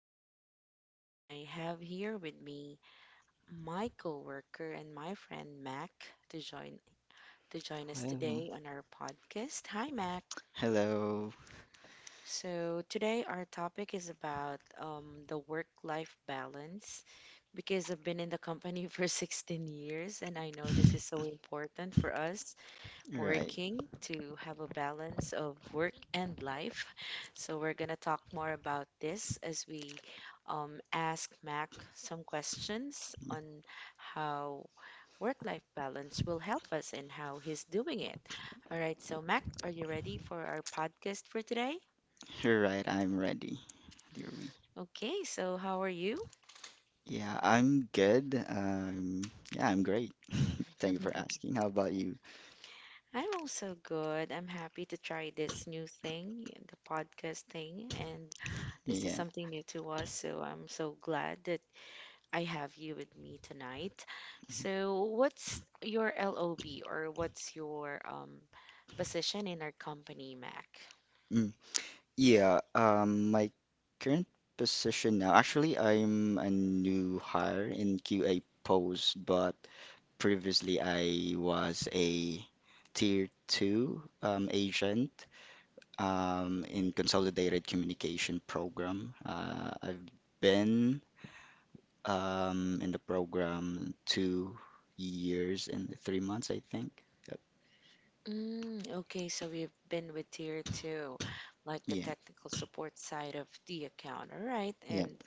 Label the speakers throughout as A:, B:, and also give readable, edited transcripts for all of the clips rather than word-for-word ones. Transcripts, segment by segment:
A: is Ruby and I have here with me my coworker and my friend Mac to join to join us
B: Hello.
A: today on our podcast. Hi Mac.
B: Hello.
A: So today our topic is about the work-life balance because I've been in the company for 16 years, and I know this is so important for us
B: Right.
A: working to have a balance of work and life. So, we're going to talk more about this as we ask Mac some questions on how work life balance will help us and how he's doing it. All right, so, Mac, are you ready for our podcast for today?
B: Right. I'm ready, dear we.
A: Okay, so how are you?
B: Yeah, I'm good. Yeah, I'm great. Thank you for asking. How about you?
A: I'm also good. I'm happy to try this new thing, the podcast thing, and this is
B: Yeah.
A: something new to us. So I'm so glad that I have you with me tonight.
B: Mm-hmm.
A: So, what's your LOB, or what's your position in our company, Mac?
B: Mm. Yeah, my current position now, actually, I'm a new hire in QA post, but previously I was a tier two agent, in Consolidated Communication Program. I've been in the program 2 years and 3 months, I think. Yep.
A: Mm, okay, so we've been with tier two, like the
B: Yeah,
A: technical support side of the account. All right,
B: yeah.
A: and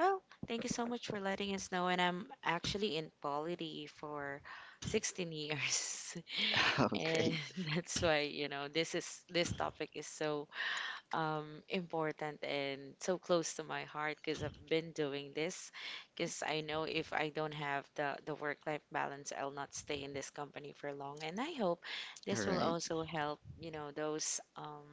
A: well, thank you so much for letting us know. And I'm actually in quality for 16 years,
B: Oh,
A: and
B: great.
A: that's why, you know, this topic is so important and so close to my heart because I've been doing this. Because I know if I don't have the work life balance, I'll not stay in this company for long. And I hope
B: All
A: this will
B: right.
A: also help, you know, those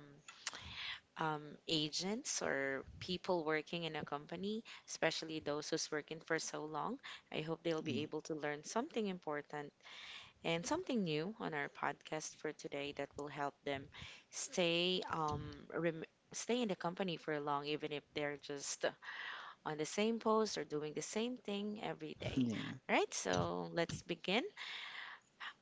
A: um, agents or people working in a company, especially those who's working for so long. I hope they'll be
B: Mm.
A: able to learn something important and something new on our podcast for today that will help them stay um rem- stay in the company for long, even if they're just on the same post or doing the same thing every day.
B: Yeah,
A: All right, so let's begin.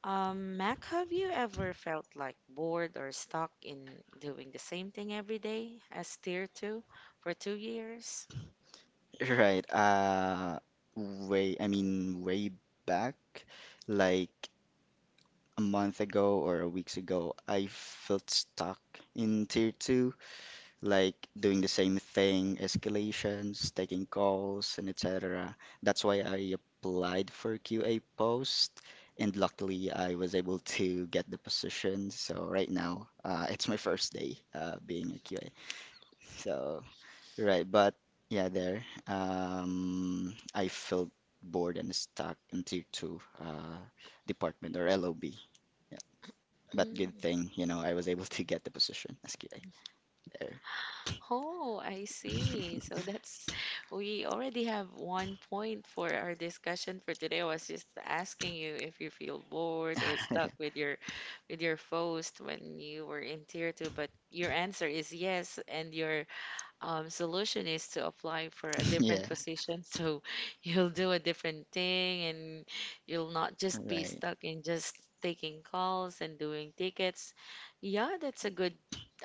A: Mac, have you ever felt like bored or stuck in doing the same thing every day as tier two for 2 years?
B: right. I mean, way back, like a month ago or a weeks ago, I felt stuck in tier two, like doing the same thing: escalations, taking calls, and etc. That's why I applied for QA post, and luckily I was able to get the position. So right now, it's my first day being a QA. So right, but yeah, there. I felt bored and stuck in tier two department or LOB. Yeah, but good
A: Mm.
B: thing, you know, I was able to get the position as QA there.
A: Oh, I see. So that's, we already have one point for our discussion for today. I was just asking you if you feel bored or stuck with your post when you were in tier two, but your answer is yes, and your solution is to apply for a
B: Yeah,
A: different position, so you'll do a different thing and you'll not just be
B: right.
A: stuck in just taking calls and doing tickets. Yeah, that's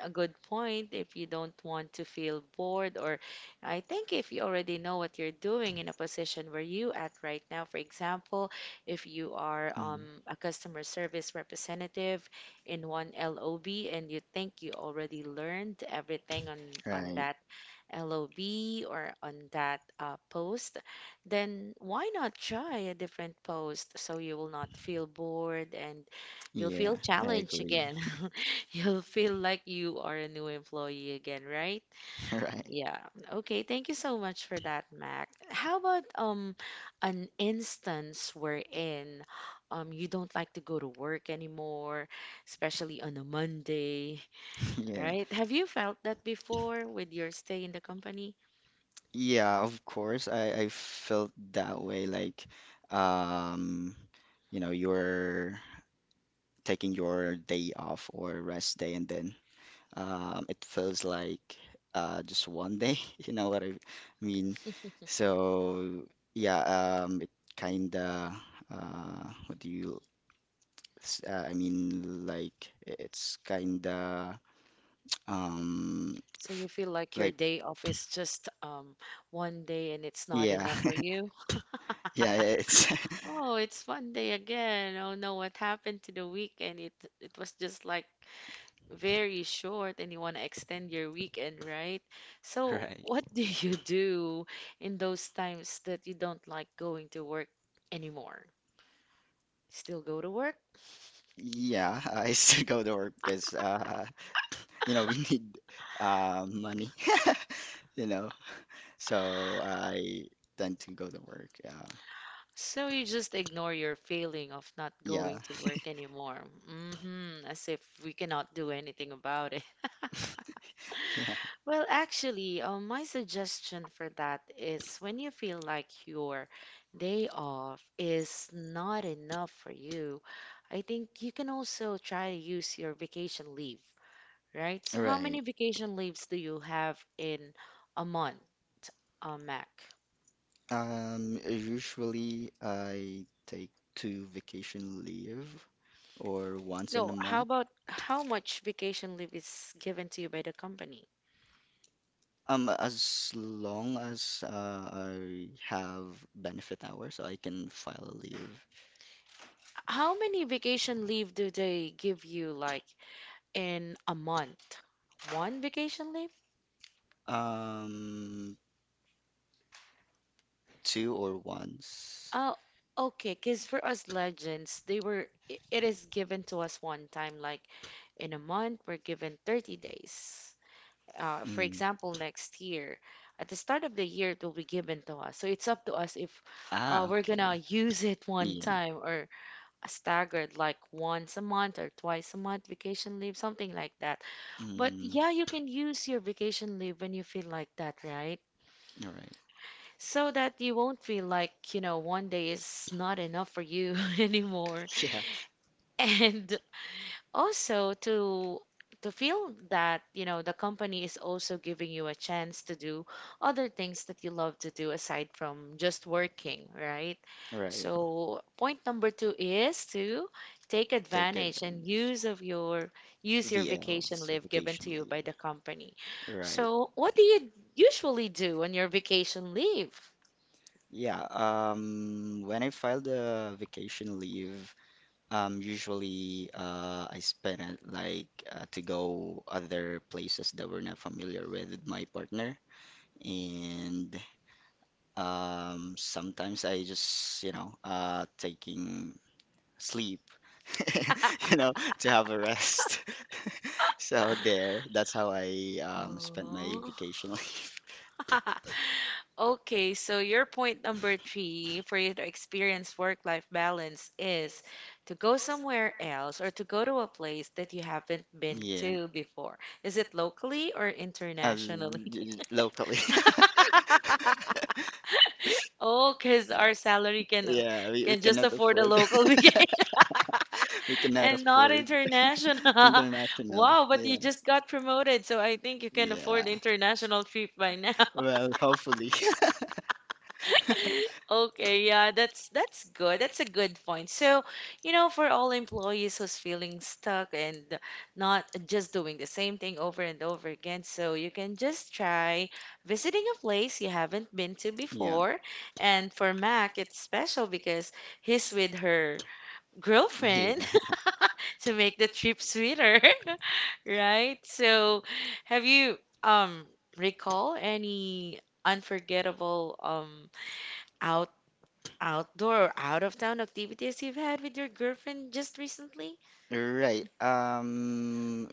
A: a good point if you don't want to feel bored. Or I think if you already know what you're doing in a position where you at right now, for example, if you are
B: Mm,
A: a customer service representative in one LOB and you think you already learned everything on
B: right.
A: that LOB or on that post, then why not try a different post so you will not feel bored and you'll
B: Yeah,
A: feel
B: I
A: challenged
B: agree.
A: again. You'll feel like you are a new employee again, right?
B: Right.
A: Yeah. Okay, thank you so much for that, Mac. How about an instance wherein you don't like to go to work anymore, especially on a Monday,
B: Yeah.
A: right? Have you felt that before with your stay in the company?
B: Yeah, of course. I felt that way. Like, um, you're taking your day off or rest day, and then it feels like just one day, you know what I mean? So yeah, it kinda what do you I mean, like it's kinda um
A: So
B: f-
A: you feel like your
B: like.
A: day off is just one day and it's not
B: Yeah.
A: enough for you?
B: Yeah, it's
A: Oh, it's one day again. Oh no, what happened to the weekend? It was just like very short and you want to extend your weekend, right? So
B: right.
A: what do you do in those times that you don't like going to work anymore? Still go to work?
B: Yeah, I still go to work, because we need money, you know. So I tend to go to work. Yeah.
A: So you just ignore your feeling of not
B: Yeah,
A: going to work anymore. As if we cannot do anything about it.
B: yeah.
A: Well, actually, my suggestion for that is when you feel like your day off is not enough for you, I think you can also try to use your vacation leave, right? So, how many
B: Right.
A: vacation leaves do you have in a month, Mac?
B: Usually I take two vacation leave or once in a
A: No, how
B: month.
A: about how much vacation leave is given to you by the company?
B: As long as I have benefit hours, I can file a leave.
A: How many vacation leave do they give you, like in a month? One vacation leave?
B: Um, Two or once.
A: Oh, okay. Because for us legends, it is given to us one time, like in a month, we're given 30 days. For
B: Mm.
A: example, next year, at the start of the year, it will be given to us. So it's up to us if
B: Ah,
A: we're
B: okay.
A: gonna use it one
B: Yeah.
A: time or staggered, like once a month or twice a month vacation leave, something like that. But
B: Mm.
A: yeah, you can use your vacation leave when you feel like that, right?
B: All right.
A: So that you won't feel like, you know, one day is not enough for you anymore.
B: Yeah.
A: And also to feel that, you know, the company is also giving you a chance to do other things that you love to do aside from just working, right?
B: All right.
A: So point number two is to take
B: Take advantage.
A: advantage and use of your use your
B: VL,
A: vacation leave given to
B: vacation
A: you by
B: leave.
A: the company.
B: Right.
A: So what do you usually do on your vacation leave?
B: Yeah, when I filed the vacation leave, usually, I spend it like to go other places that we're not familiar with my partner, and sometimes I just, taking sleep, you know, to have a rest. So there, that's how I spent my
A: Oh.
B: vacation leave.
A: Okay, so your point number three for you to experience work-life balance is to go somewhere else or to go to a place that you haven't been
B: Yeah.
A: to before. Is it locally or
B: uh,
A: internationally?
B: Locally.
A: Oh, because
B: Uh,
A: our salary
B: yeah, we
A: can just
B: cannot
A: afford a
B: afford.
A: local vacation
B: We cannot
A: and not
B: afford
A: international.
B: international.
A: Wow, but
B: Yeah,
A: you just got promoted, so I think you can
B: yeah.
A: afford international trip by now.
B: Well, hopefully.
A: Okay, yeah, that's good. That's a good point. So, you know, for all employees who's feeling stuck and not just doing the same thing over and over again, so you can just try visiting a place you haven't been to
B: Yeah.
A: before. And for Mac, it's special because he's with her
B: Yeah.
A: girlfriend to make the trip sweeter, right? So, have you recall any unforgettable outdoor or out of town activities you've had with your girlfriend just recently?
B: Right.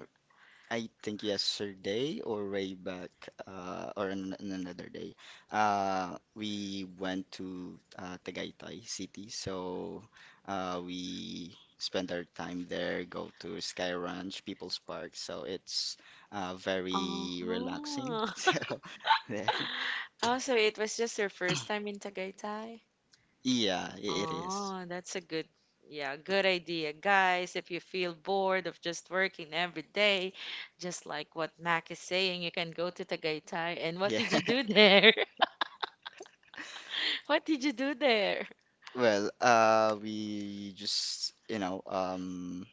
B: I think yesterday or way back, or an another day, we went to Tagaytay City. So we spent our time there, go to Sky Ranch, People's Park. So it's
A: Oh,
B: very relaxing. So yeah,
A: oh, so it was just your first time in Tagaytay?
B: yeah, it is.
A: Oh, that's a good, yeah, good idea. Guys, if you feel bored of just working every day, just like what Mac is saying, you can go to Tagaytay. And what
B: Yeah.
A: did you do there? What did you do there?
B: Well, we just,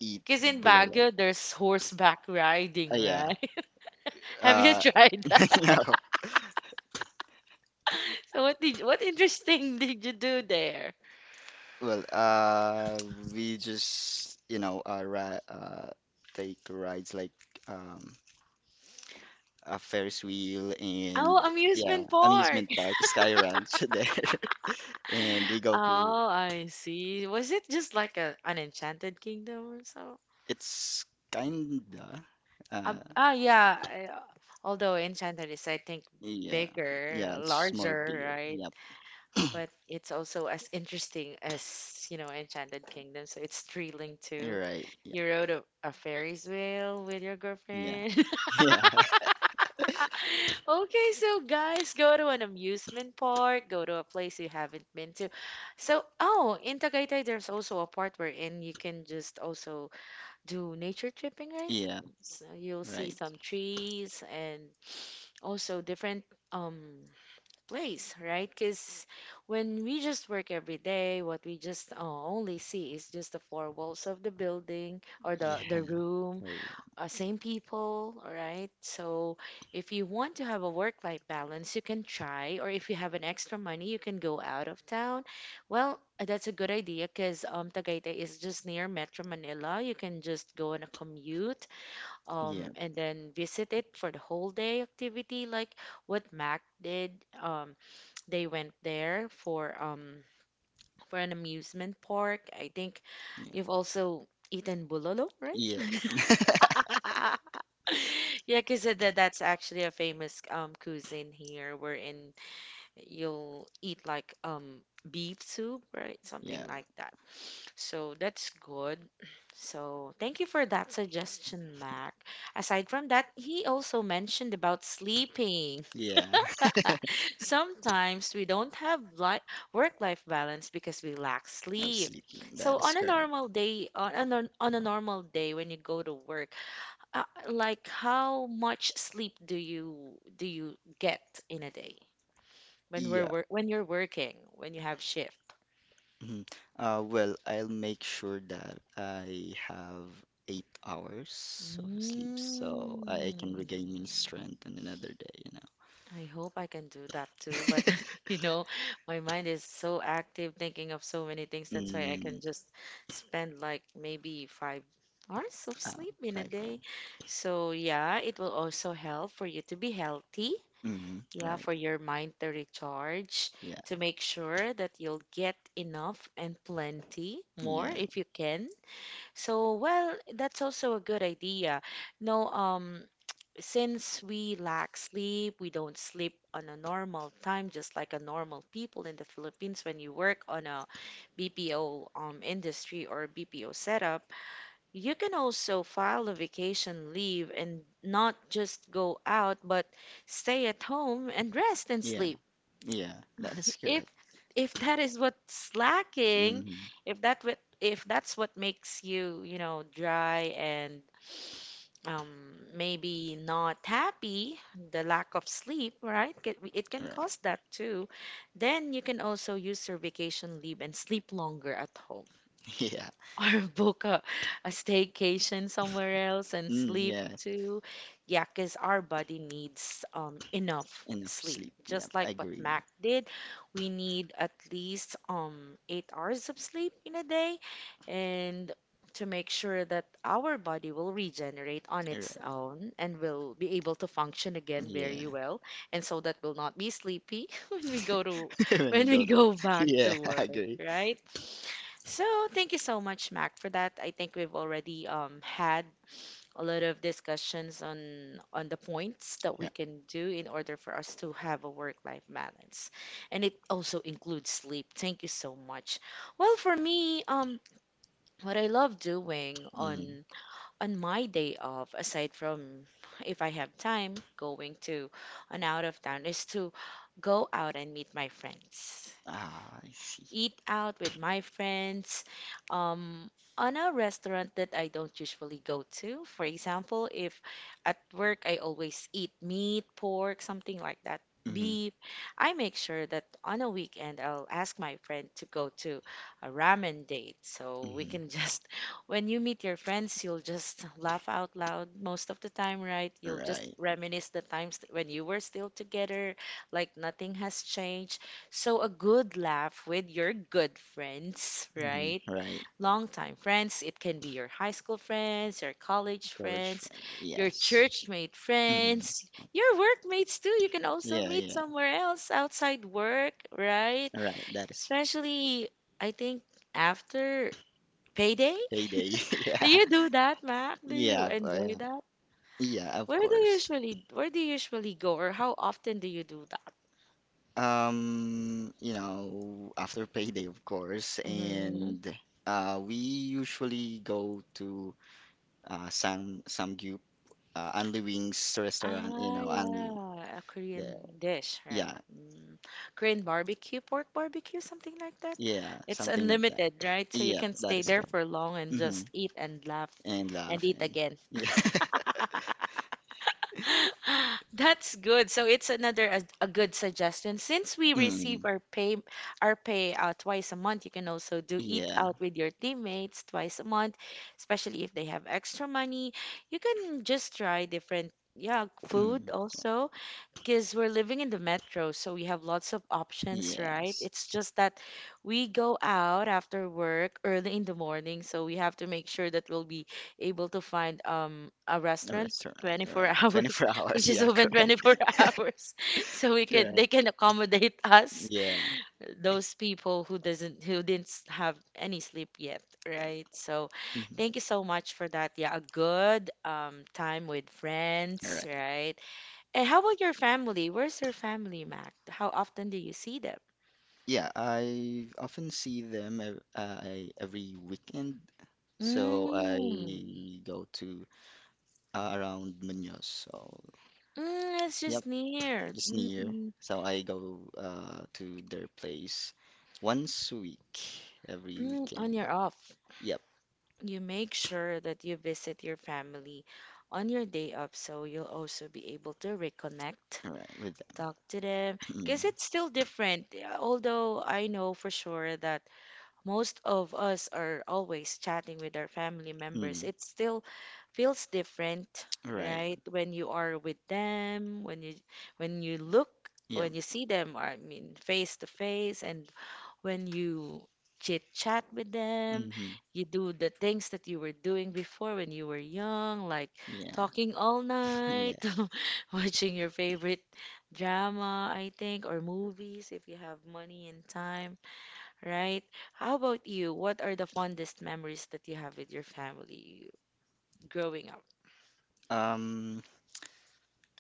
B: eat
A: Because in
B: bulalo.
A: Baguio, there's horseback riding,
B: Yeah.
A: right? Have you
B: Uh,
A: tried that?
B: no.
A: So what did what interesting did you do there?
B: Well, we just, you know, ri uh, take rides like um, a Ferris wheel, and
A: Oh,
B: yeah,
A: amusement park.
B: amusement park, Sky Ranch there, and we go to.
A: Oh, I see. Was it just like a an Enchanted Kingdom or so?
B: It's kinda,
A: Ah,
B: uh,
A: ah, yeah. I- uh, Although Enchanted is, I think,
B: yeah.
A: bigger,
B: Yeah, it's more
A: larger,
B: bigger.
A: right?
B: Yep.
A: But it's also as interesting as, you know, Enchanted Kingdom. So it's thrilling
B: You're
A: too.
B: right. Yeah. Yeah.
A: You rode a Ferris wheel with your girlfriend.
B: Yeah.
A: Okay, so guys, go to an amusement park, go to a place you haven't been to. So, oh, in Tagaytay, there's also a part wherein you can just also do nature tripping, right?
B: Yeah.
A: So you'll see
B: Right.
A: some trees and also different um place, right? Because when we just work every day, what we just only see is just the four walls of the building or the
B: Yeah.
A: the room,
B: Oh,
A: same people, all right? So if you want to have a work-life balance, you can try, or if you have an extra money, you can go out of town. Well, that's a good idea because Tagaytay is just near Metro Manila. You can just go on a commute
B: yeah.
A: and then visit it for the whole day activity, like what Mac did. Um, they went there for an amusement park. I think
B: Yeah.
A: you've also eaten bulolo, right?
B: Yeah.
A: Yeah, because that's actually a famous cuisine here, wherein you'll eat like beef soup, right? Something
B: Yeah.
A: like that. So that's good. So thank you for that suggestion, Mac. Aside from that, he also mentioned about sleeping. Sometimes we don't have li work-life balance because we lack
B: I'm
A: sleep.
B: sleeping.
A: So
B: That
A: on
B: is
A: a
B: correct.
A: normal day, on a, nor- on a normal day when you go to work, uh, like how much sleep do you get in a day
B: Yeah.
A: when you're working, when you have shift?
B: Mhm. Well, I'll make sure that I have 8 hours of sleep so I
A: Mm,
B: can regain my strength on another day,
A: I hope I can do that too,
B: know.
A: but you know, my mind is so active thinking of so many things. That's why I
B: Mm.
A: can just spend like maybe 5 hours of
B: uh,
A: sleep in a
B: Fiber.
A: day. So, yeah, it will also help for you to be healthy.
B: Mm-hmm,
A: Yeah,
B: right.
A: for your mind to recharge,
B: Yeah,
A: to make sure that you'll get enough and plenty more
B: yeah,
A: if you can. So, well, that's also a good idea. No, since we lack sleep, we don't sleep on a normal time, just like a normal people in the Philippines when you work on a BPO industry or BPO setup, you can also file a vacation leave and not just go out, but stay at home and rest and
B: yeah,
A: sleep.
B: yeah. That is
A: If
B: correct.
A: if that is what's lacking,
B: Mm-hmm,
A: if that's what makes you, you know, dry and maybe not happy, the lack of sleep, right? It can
B: right.
A: cause that too. Then you can also use your vacation leave and sleep longer at home.
B: Yeah.
A: Or book a staycation somewhere else and
B: Mm,
A: sleep
B: yeah.
A: too. Yeah, because our body needs enough
B: Enough
A: sleep.
B: sleep. Yep,
A: Just
B: I
A: like what
B: agree.
A: Mac did, we need at least eight hours of sleep in a day, and to make sure that our body will regenerate on
B: Right.
A: its own and will be able to function again
B: Yeah.
A: very well, and so that we'll not be sleepy when we go to
B: When you
A: when we
B: go to work.
A: go back
B: Yeah,
A: to
B: I
A: work,
B: agree.
A: right? So thank you so much, Mac, for that. I think we've already had a lot of discussions on the points that we
B: Yeah.
A: can do in order for us to have a work-life balance, and it also includes sleep. Thank you so much. Well, for me, what I love doing
B: Mm.
A: on my day off, aside from if I have time, going to an out of town, is to go out and meet my friends,
B: Ah, I
A: eat
B: see.
A: out with my friends, um, on a restaurant that I don't usually go to. For example, if at work I always eat meat, pork, something like that,
B: Mm.
A: beef, I make sure that on a weekend I'll ask my friend to go to a ramen date. So we
B: Mm.
A: can just, when you meet your friends, you'll just laugh out loud most of the time, right? You'll just
B: Right.
A: reminisce the times when you were still together, like nothing has changed. So a good laugh with your good friends,
B: Mm.
A: right?
B: Right.
A: Longtime friends, it can be your high school friends, your college
B: College
A: friends,
B: friend.
A: your
B: Yes.
A: churchmate
B: Mm.
A: friends, your workmates too. You can also
B: Yeah.
A: meet
B: Yeah.
A: somewhere else outside work, right?
B: Right. That is
A: Especially, I think, after payday.
B: payday.
A: Do
B: Yeah.
A: you do that, Mac? Do you
B: Yeah, but,
A: enjoy
B: yeah.
A: that?
B: Yeah, of course.
A: Where do you usually go, or how often do you do that?
B: After payday, of course,
A: Mm-hmm.
B: and we usually go to Sam Sam Anli Wings restaurant. You
A: Ah,
B: know, Anli.
A: yeah, a Korean
B: The,
A: dish, right?
B: yeah,
A: Mm. Korean barbecue, pork barbecue, something like that.
B: yeah,
A: It's
B: something like that.
A: unlimited, right? So you
B: Yep,
A: can
B: that
A: stay
B: is
A: there
B: correct.
A: for long and
B: Mm-hmm.
A: just eat and laugh
B: And
A: and eat
B: laughing.
A: again.
B: Yeah.
A: That's good. So it's another a good suggestion. Since we receive
B: Mm,
A: our pay, twice a month, you can also do eat
B: yeah.
A: out with your teammates twice a month, especially if they have extra money. You can just try different, yeah,
B: Mm,
A: food also. Because we're living in the metro, so we have lots of options, right?
B: yes.
A: It's just that we go out after work early in the morning, so we have to make sure that we'll be able to find a
B: A
A: restaurant
B: restaurant, you're right.
A: 24 hours,
B: 24 hours,
A: which is
B: yeah,
A: open
B: correct.
A: 24 hours, so we can they
B: Correct.
A: can accommodate us,
B: Yeah.
A: those people who didn't have any sleep yet, right? So
B: Mhm.
A: thank you so much for that. Yeah, a good time with
B: All
A: friends,
B: right.
A: right? And how about your family? Where's your family, Mac? How often do you see them?
B: Yeah, I often see them every weekend. So
A: Mm.
B: I go to around Muñoz. So,
A: Mm, it's
B: yep,
A: just near.
B: just near. So I go to their place once a week, every
A: Mm,
B: weekend.
A: on your off,
B: Yep,
A: you make sure that you visit your family on your day off so you'll also be able to reconnect,
B: all right, with.
A: talk to them,
B: Mm.
A: because it's still different. Uh, although I know for sure that most of us are always chatting with our family members,
B: Mm.
A: it's still feels different,
B: Right.
A: right? When you are with them, when you when you look,
B: Yep.
A: when you see them, or I mean face to face, and when you chit chat with them,
B: Mm-hmm.
A: you do the things that you were doing before when you were young, like
B: Yeah.
A: talking all
B: Yeah.
A: night, watching your favorite drama, I think, or movies if you have money and time, right? How about you? What are the fondest memories that you have with your family growing up?
B: Um,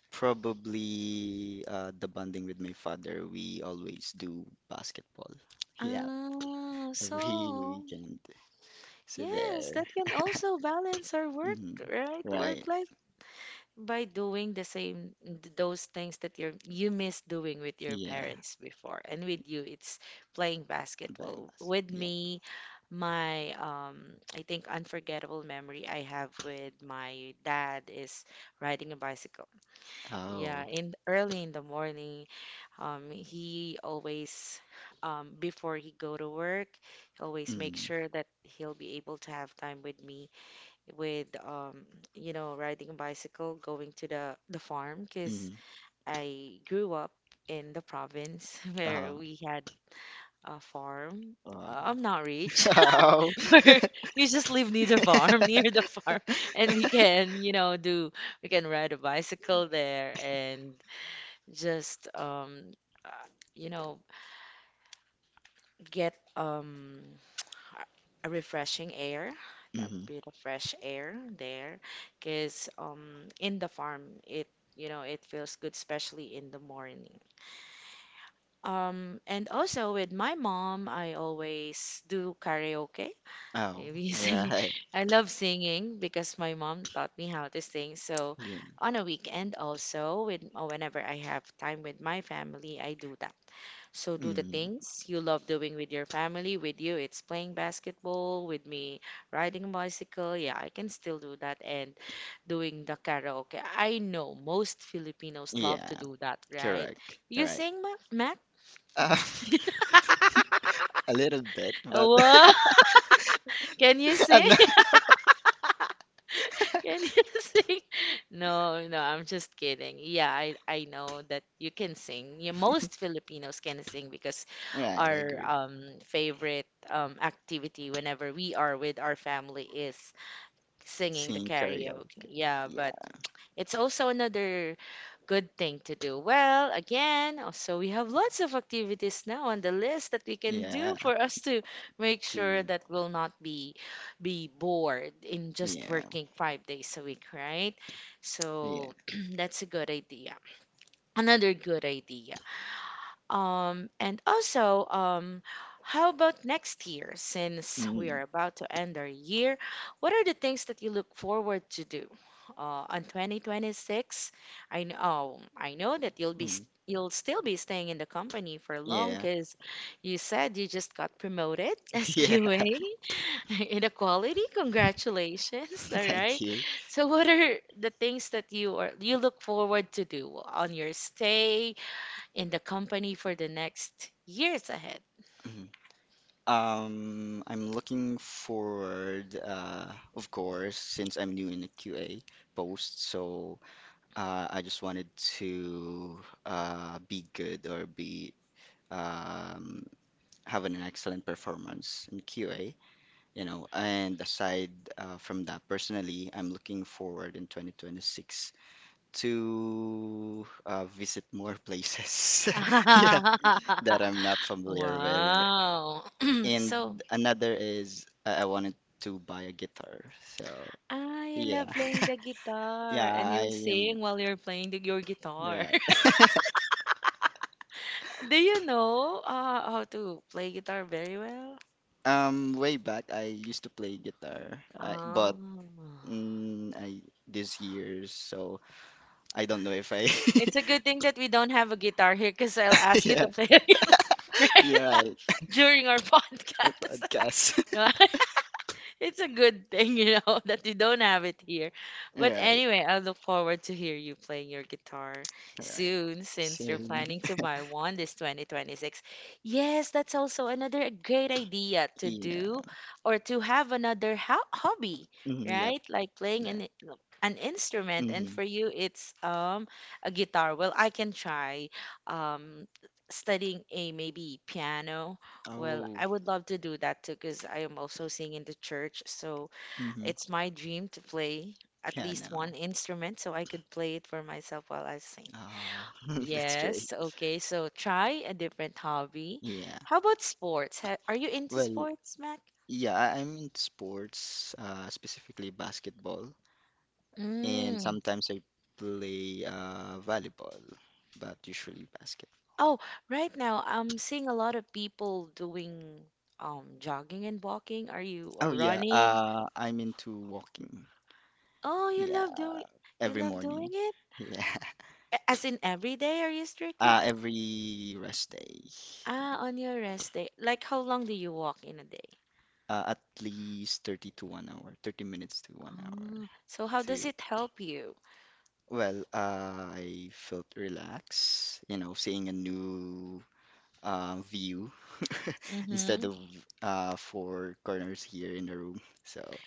B: Probably the bonding with my father. We always do basketball. Yeah,
A: Ah,
B: every
A: so
B: weekend. So
A: yes,
B: there.
A: that can also balance our work,
B: Hmm.
A: right?
B: Right.
A: Work life, by doing the same those things that you miss doing with your
B: Yeah.
A: parents before. And with you, it's
B: Playing
A: playing basketball.
B: basketball.
A: With
B: Yeah.
A: me, my um, I think unforgettable memory I have with my dad is riding a bicycle.
B: Oh.
A: Yeah, in early in the morning, he always, before he go to work, he always make
B: Mm.
A: sure that he'll be able to have time with me with, you know, riding a bicycle, going to the farm, because
B: Mm.
A: I grew up in the province where
B: Uh,
A: we had a farm.
B: uh.
A: I'm not rich.
B: Oh.
A: We just live near the farm, near the farm, and we can, you know, do we can ride a bicycle there and just uh, you know, get a refreshing air, a
B: Mhm.
A: bit of fresh air there, because in the farm it, you know, it feels good, especially in the morning. And also with my mom, I always do karaoke.
B: Oh.
A: We
B: Yeah.
A: sing.
B: Hey.
A: I love singing because my mom taught me how to sing. So
B: Yeah.
A: on a weekend also, with or whenever I have time with my family, I do that. So do the
B: Mm.
A: things you love doing with your family. With you, it's playing basketball. With me, riding a bicycle. Yeah, I can still do that. And doing the karaoke. I know most Filipinos love to
B: Yeah.
A: do that, right?
B: Correct.
A: You
B: Right.
A: sing, Mac?
B: Uh, a little bit, but
A: Wow! Can you sing?
B: no.
A: Can you sing? No, no, I'm just kidding. Yeah, I know that you can sing. Yeah, most Filipinos can sing because
B: Right. I
A: our
B: agree.
A: favorite activity whenever we are with our family is singing the
B: Sing
A: karaoke.
B: karaoke.
A: Yeah, but it's also another good thing to do. Well, again, so we have lots of activities now on the list that we
B: Yeah.
A: can
B: Yeah.
A: do for us to make sure
B: to
A: that we'll not be bored in just
B: Yeah,
A: working five days a week, right?
B: yeah.
A: So that's a good idea. Another good idea. And also, how about next year? Since we
B: Mm,
A: are about to end our year, what are the things that you look forward to do on 2026? I know that you'll
B: mm,
A: you'll still be staying in the company for long
B: yeah.
A: because you said you just got promoted as
B: Yeah,
A: QA in the quality. Congratulations! All
B: thank
A: right.
B: you.
A: So, what are the things that you look forward to do on your stay in the company for the next years ahead.
B: Mhm. I'm looking forward, of course, since I'm new in the QA post, so I just wanted to be good or be um having an excellent performance in QA. And aside, from that, personally, I'm looking forward in 2026 to visit more places, yeah, that I'm not familiar with.
A: Wow.
B: And
A: So,
B: another is I wanted to buy a guitar. So
A: I
B: yeah,
A: love playing the guitar
B: yeah,
A: and
B: I
A: you'll
B: am
A: sing while you're playing your guitar.
B: right.
A: Do you know how to play guitar very well?
B: Way back I used to play guitar,
A: Oh.
B: but I this year, so I don't know if I
A: It's a good thing that we don't have a guitar here because I'll ask you
B: yeah
A: to play, right?
B: yeah right,
A: During our
B: a
A: podcast.
B: podcast.
A: It's a good thing, you know, that you don't have it here. But
B: Right.
A: anyway, I look forward to hear you playing your guitar
B: Right.
A: soon since you're
B: Soon.
A: planning to buy one this 2026. Yes, that's also another great idea to
B: Yeah.
A: do or to have another ho hobby,
B: Mm, yep,
A: right? Like playing
B: that.
A: an instrument, and
B: Mm-hmm.
A: for you it's a guitar. Well, I can try um studying a maybe piano. Well,
B: Oh.
A: I would love to do that too, because I am also singing in the church, so
B: Mm-hmm.
A: it's my dream to play at
B: Yeah.
A: least
B: No.
A: one instrument so I could play it for myself while I sing.
B: Oh. That's great.
A: Yes, okay, so try a different hobby.
B: Yeah.
A: How about sports? Are you into
B: Well,
A: sports, Mac?
B: yeah, I'm in sports, specifically basketball, and
A: Mm.
B: sometimes I play volleyball, but usually basketball.
A: Oh, right now I'm seeing a lot of people doing jogging and walking. Are you
B: Oh
A: or
B: yeah,
A: running?
B: I'm into walking.
A: Oh,
B: Yeah,
A: you
B: every
A: love doing
B: morning.
A: it?
B: Yeah,
A: As in every day, are you strict with?
B: every rest day.
A: Ah,
B: Yeah.
A: on your rest day. Like how long do you walk in a day?
B: At least 30 to one hour, 30 minutes to one hour.
A: Ah, so how
B: To
A: does it help you?
B: Well, I felt relaxed, seeing a new view, instead
A: Mm-hmm.
B: of four corners here in the room. So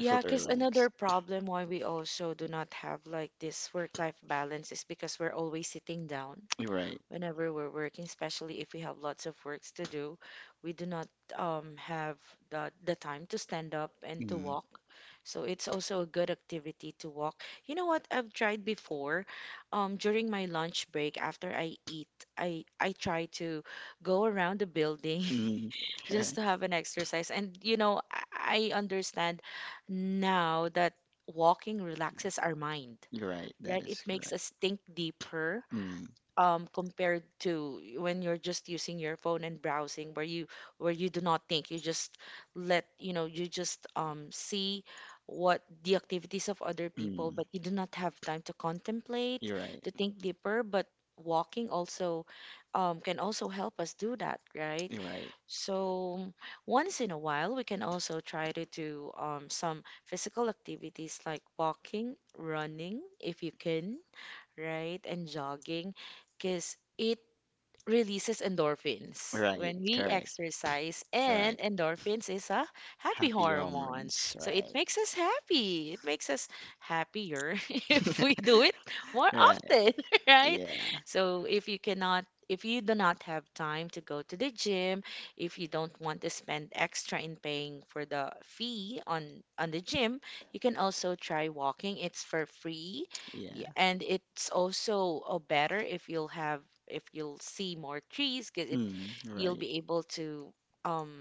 B: I felt
A: because another
B: relaxed.
A: problem why we also do not have like this work-life balance is because we're always sitting down,
B: You're right.
A: whenever we're working, especially if we have lots of works to do. We do not have the time to stand up and to
B: Mm.
A: walk. So it's also a good activity to walk. You know what? I've tried before. During my lunch break, after I eat, I try to go around the building
B: Mm.
A: just to have an exercise. And, you know, I understand now that walking relaxes our mind,
B: You're right. That
A: right? It
B: is
A: makes
B: correct.
A: us think deeper
B: Mm.
A: compared to when you're just using your phone and browsing, where you do not think, you just let you know, you just see what the activities of other people,
B: Mm.
A: but you do not have time to contemplate,
B: You're right.
A: to think deeper. But walking also can also help us do that, right?
B: You're right.
A: So once in a while, we can also try to do some physical activities like walking, running, if you can, right? And jogging because it releases endorphins
B: Right.
A: when we
B: Correct.
A: exercise.
B: Right.
A: And endorphins is a happy
B: Happy
A: hormone.
B: hormones.
A: So it
B: Right.
A: makes us happy. It makes us happier if we do it more
B: Right.
A: often, right?
B: Yeah,
A: So if you do not have time to go to the gym, if you don't want to spend extra in paying for the fee on the gym, you can also try walking. It's for free.
B: yeah.
A: And it's also better if you'll see more trees because it
B: Mm,
A: you'll
B: right,
A: be able to um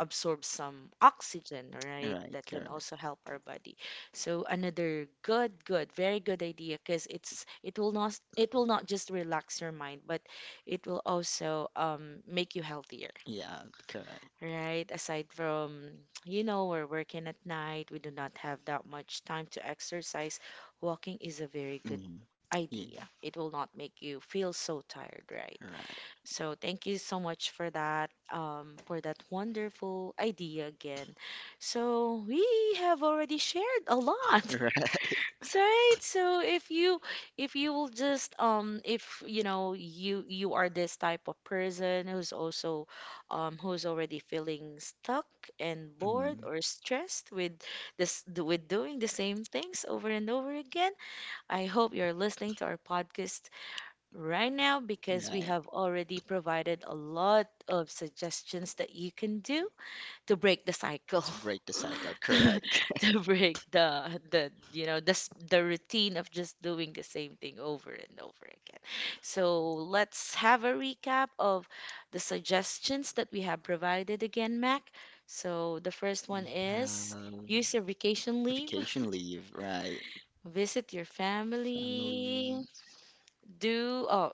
A: absorb some oxygen, right?
B: right,
A: That can
B: correct.
A: also help our body. So another very good idea because it will not just relax your mind, but it will also make you healthier,
B: Yeah, correct.
A: right? Aside from, we're working at night, we do not have that much time to exercise. Walking is a very good
B: Mm, yeah,
A: idea. It will not make you feel so tired, right?
B: right.
A: So thank you so much for that wonderful idea again. So we have already shared a lot.
B: Right.
A: So, right, so if you will just if you know you are this type of person who's also who's already feeling stuck and bored
B: Mm,
A: or stressed with with doing the same things over and over again. I hope you're listening to our podcast right now because we
B: right,
A: have already provided a lot of suggestions that you can do to break the cycle
B: to break the cycle, correct.
A: to, to break the you know the s- the routine of just doing the same thing over and over again. So let's have a recap of the suggestions that we have provided again, Mac. So the first one
B: We
A: is use your
B: have
A: vacation leave,
B: vacation leave, right?
A: visit your family, do oh,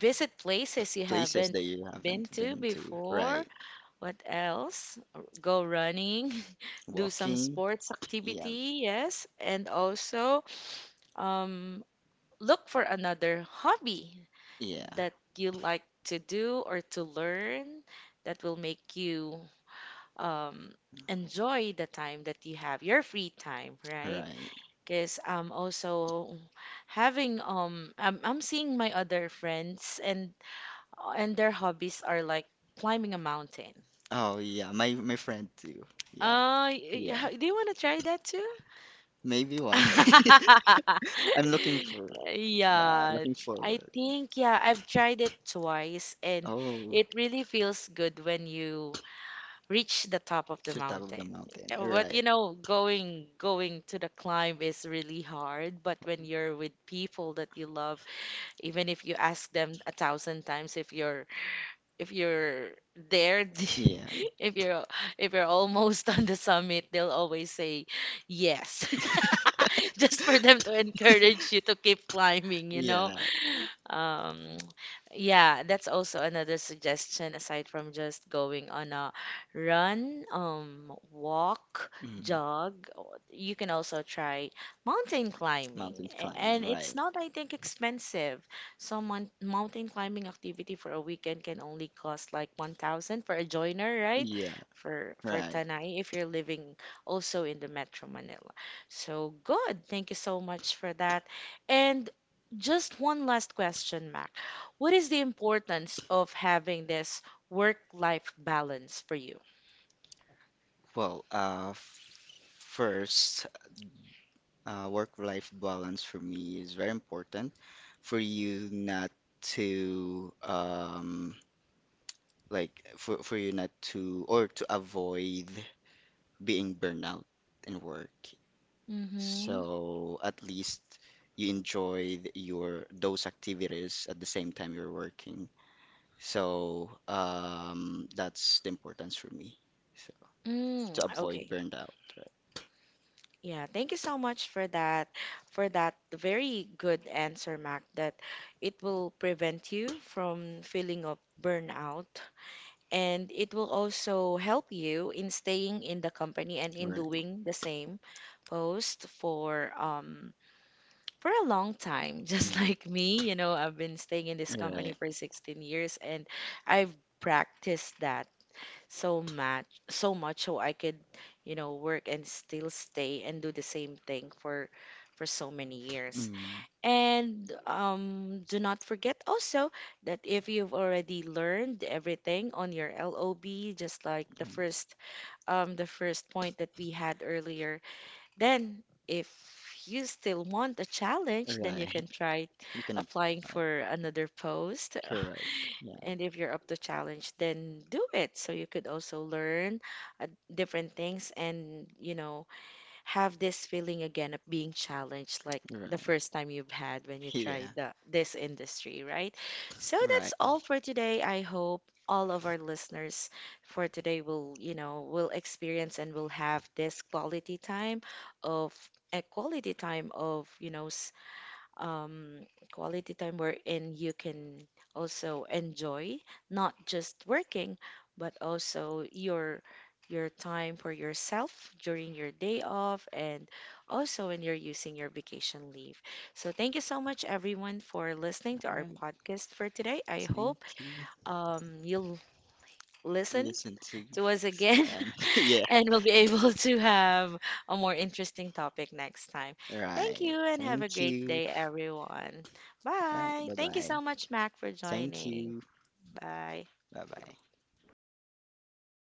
A: visit places you
B: Places
A: haven't
B: that you
A: been
B: haven't
A: to
B: to,
A: before.
B: right?
A: What else? Go running, do some
B: Walking,
A: sports
B: yeah,
A: activity, yes, and also um, look for another hobby
B: yeah,
A: that you like to do or to learn that will make you um, enjoy the time that you have, your free time, right?
B: right.
A: Because I'm also I'm seeing my other friends, and their hobbies are like climbing a mountain.
B: Oh yeah, my friend too. Yeah,
A: Uh, y-
B: yeah,
A: y- do you want to try that too?
B: maybe one. I'm looking for, yeah,
A: Yeah,
B: looking
A: I
B: forward.
A: think, yeah, I've tried it twice and
B: Oh.
A: it really feels good when you reach the top of
B: To
A: the
B: the top of the
A: mountain.
B: mountain.
A: But,
B: Right.
A: going to the climb is really hard, but when you're with people that you love, even if you ask them 1,000 times if you're there,
B: Yeah.
A: if you're if you're almost on the summit, they'll always say yes, just for them to encourage you to keep climbing.
B: Yeah.
A: Um, yeah, that's also another suggestion aside from just going on a run, walk,
B: Mm.
A: jog, or you can also try mountain climbing,
B: Mountain
A: A-
B: climbing.
A: and it's
B: Right.
A: not, I think, expensive. So mon mountain climbing activity for a weekend can only cost like 1,000 for a joiner, right?
B: Yeah.
A: For
B: Right.
A: Tanay, if you're living also in the Metro Manila. So good. Thank you so much for that. And just one last question, Mac. What is the importance of having this work-life balance for you?
B: Well, first, work-life balance for me is very important for you not to like, for you not to, or to avoid being burnout in work.
A: Mm-hmm.
B: So at least you enjoyed your those activities at the same time you're working. So that's the importance for me. So
A: Mm,
B: to avoid
A: okay.
B: burnout, right?
A: Yeah, thank you so much for that very good answer, Mac, that it will prevent you from feeling of burnout, and it will also help you in staying in the company and in
B: Right.
A: doing the same post for a long time, just
B: Mm.
A: like me. You know, I've been staying in this company
B: Right.
A: for 16 years, and I've practiced that so much, so much so I could, work and still stay and do the same thing for so many years.
B: Mm.
A: And do not forget also that if you've already learned everything on your LOB, just like the
B: Um,
A: first point that we had earlier, then, if you still want a challenge, then you
B: Right.
A: can try
B: You can
A: applying
B: apply.
A: for another post.
B: Correct. Yeah,
A: And if you're up to challenge, then do it. So you could also learn uh, different things and, have this feeling again of being challenged like the
B: right.
A: first time you've had when you tried
B: Yeah,
A: this industry, right? So
B: right.
A: that's all for today. I hope all of our listeners for today will experience and will have this quality time of a quality time of, you know, s- um, quality time wherein you can also enjoy not just working, but also your time for yourself during your day off and also when you're using your vacation leave. So thank you so much everyone for listening to
B: All
A: our
B: right.
A: podcast for today. I
B: Thank
A: hope
B: you.
A: you'll listen
B: Listen to
A: to us again,
B: and yeah,
A: and we'll be able to have a more interesting topic next time. Thank
B: right.
A: you and have a
B: Thank
A: great
B: you.
A: day, everyone.
B: Right.
A: Bye.
B: Bye
A: Thank you
B: bye.
A: so much, Mac, for
B: Thank
A: joining.
B: you.
A: Bye.
B: Bye bye.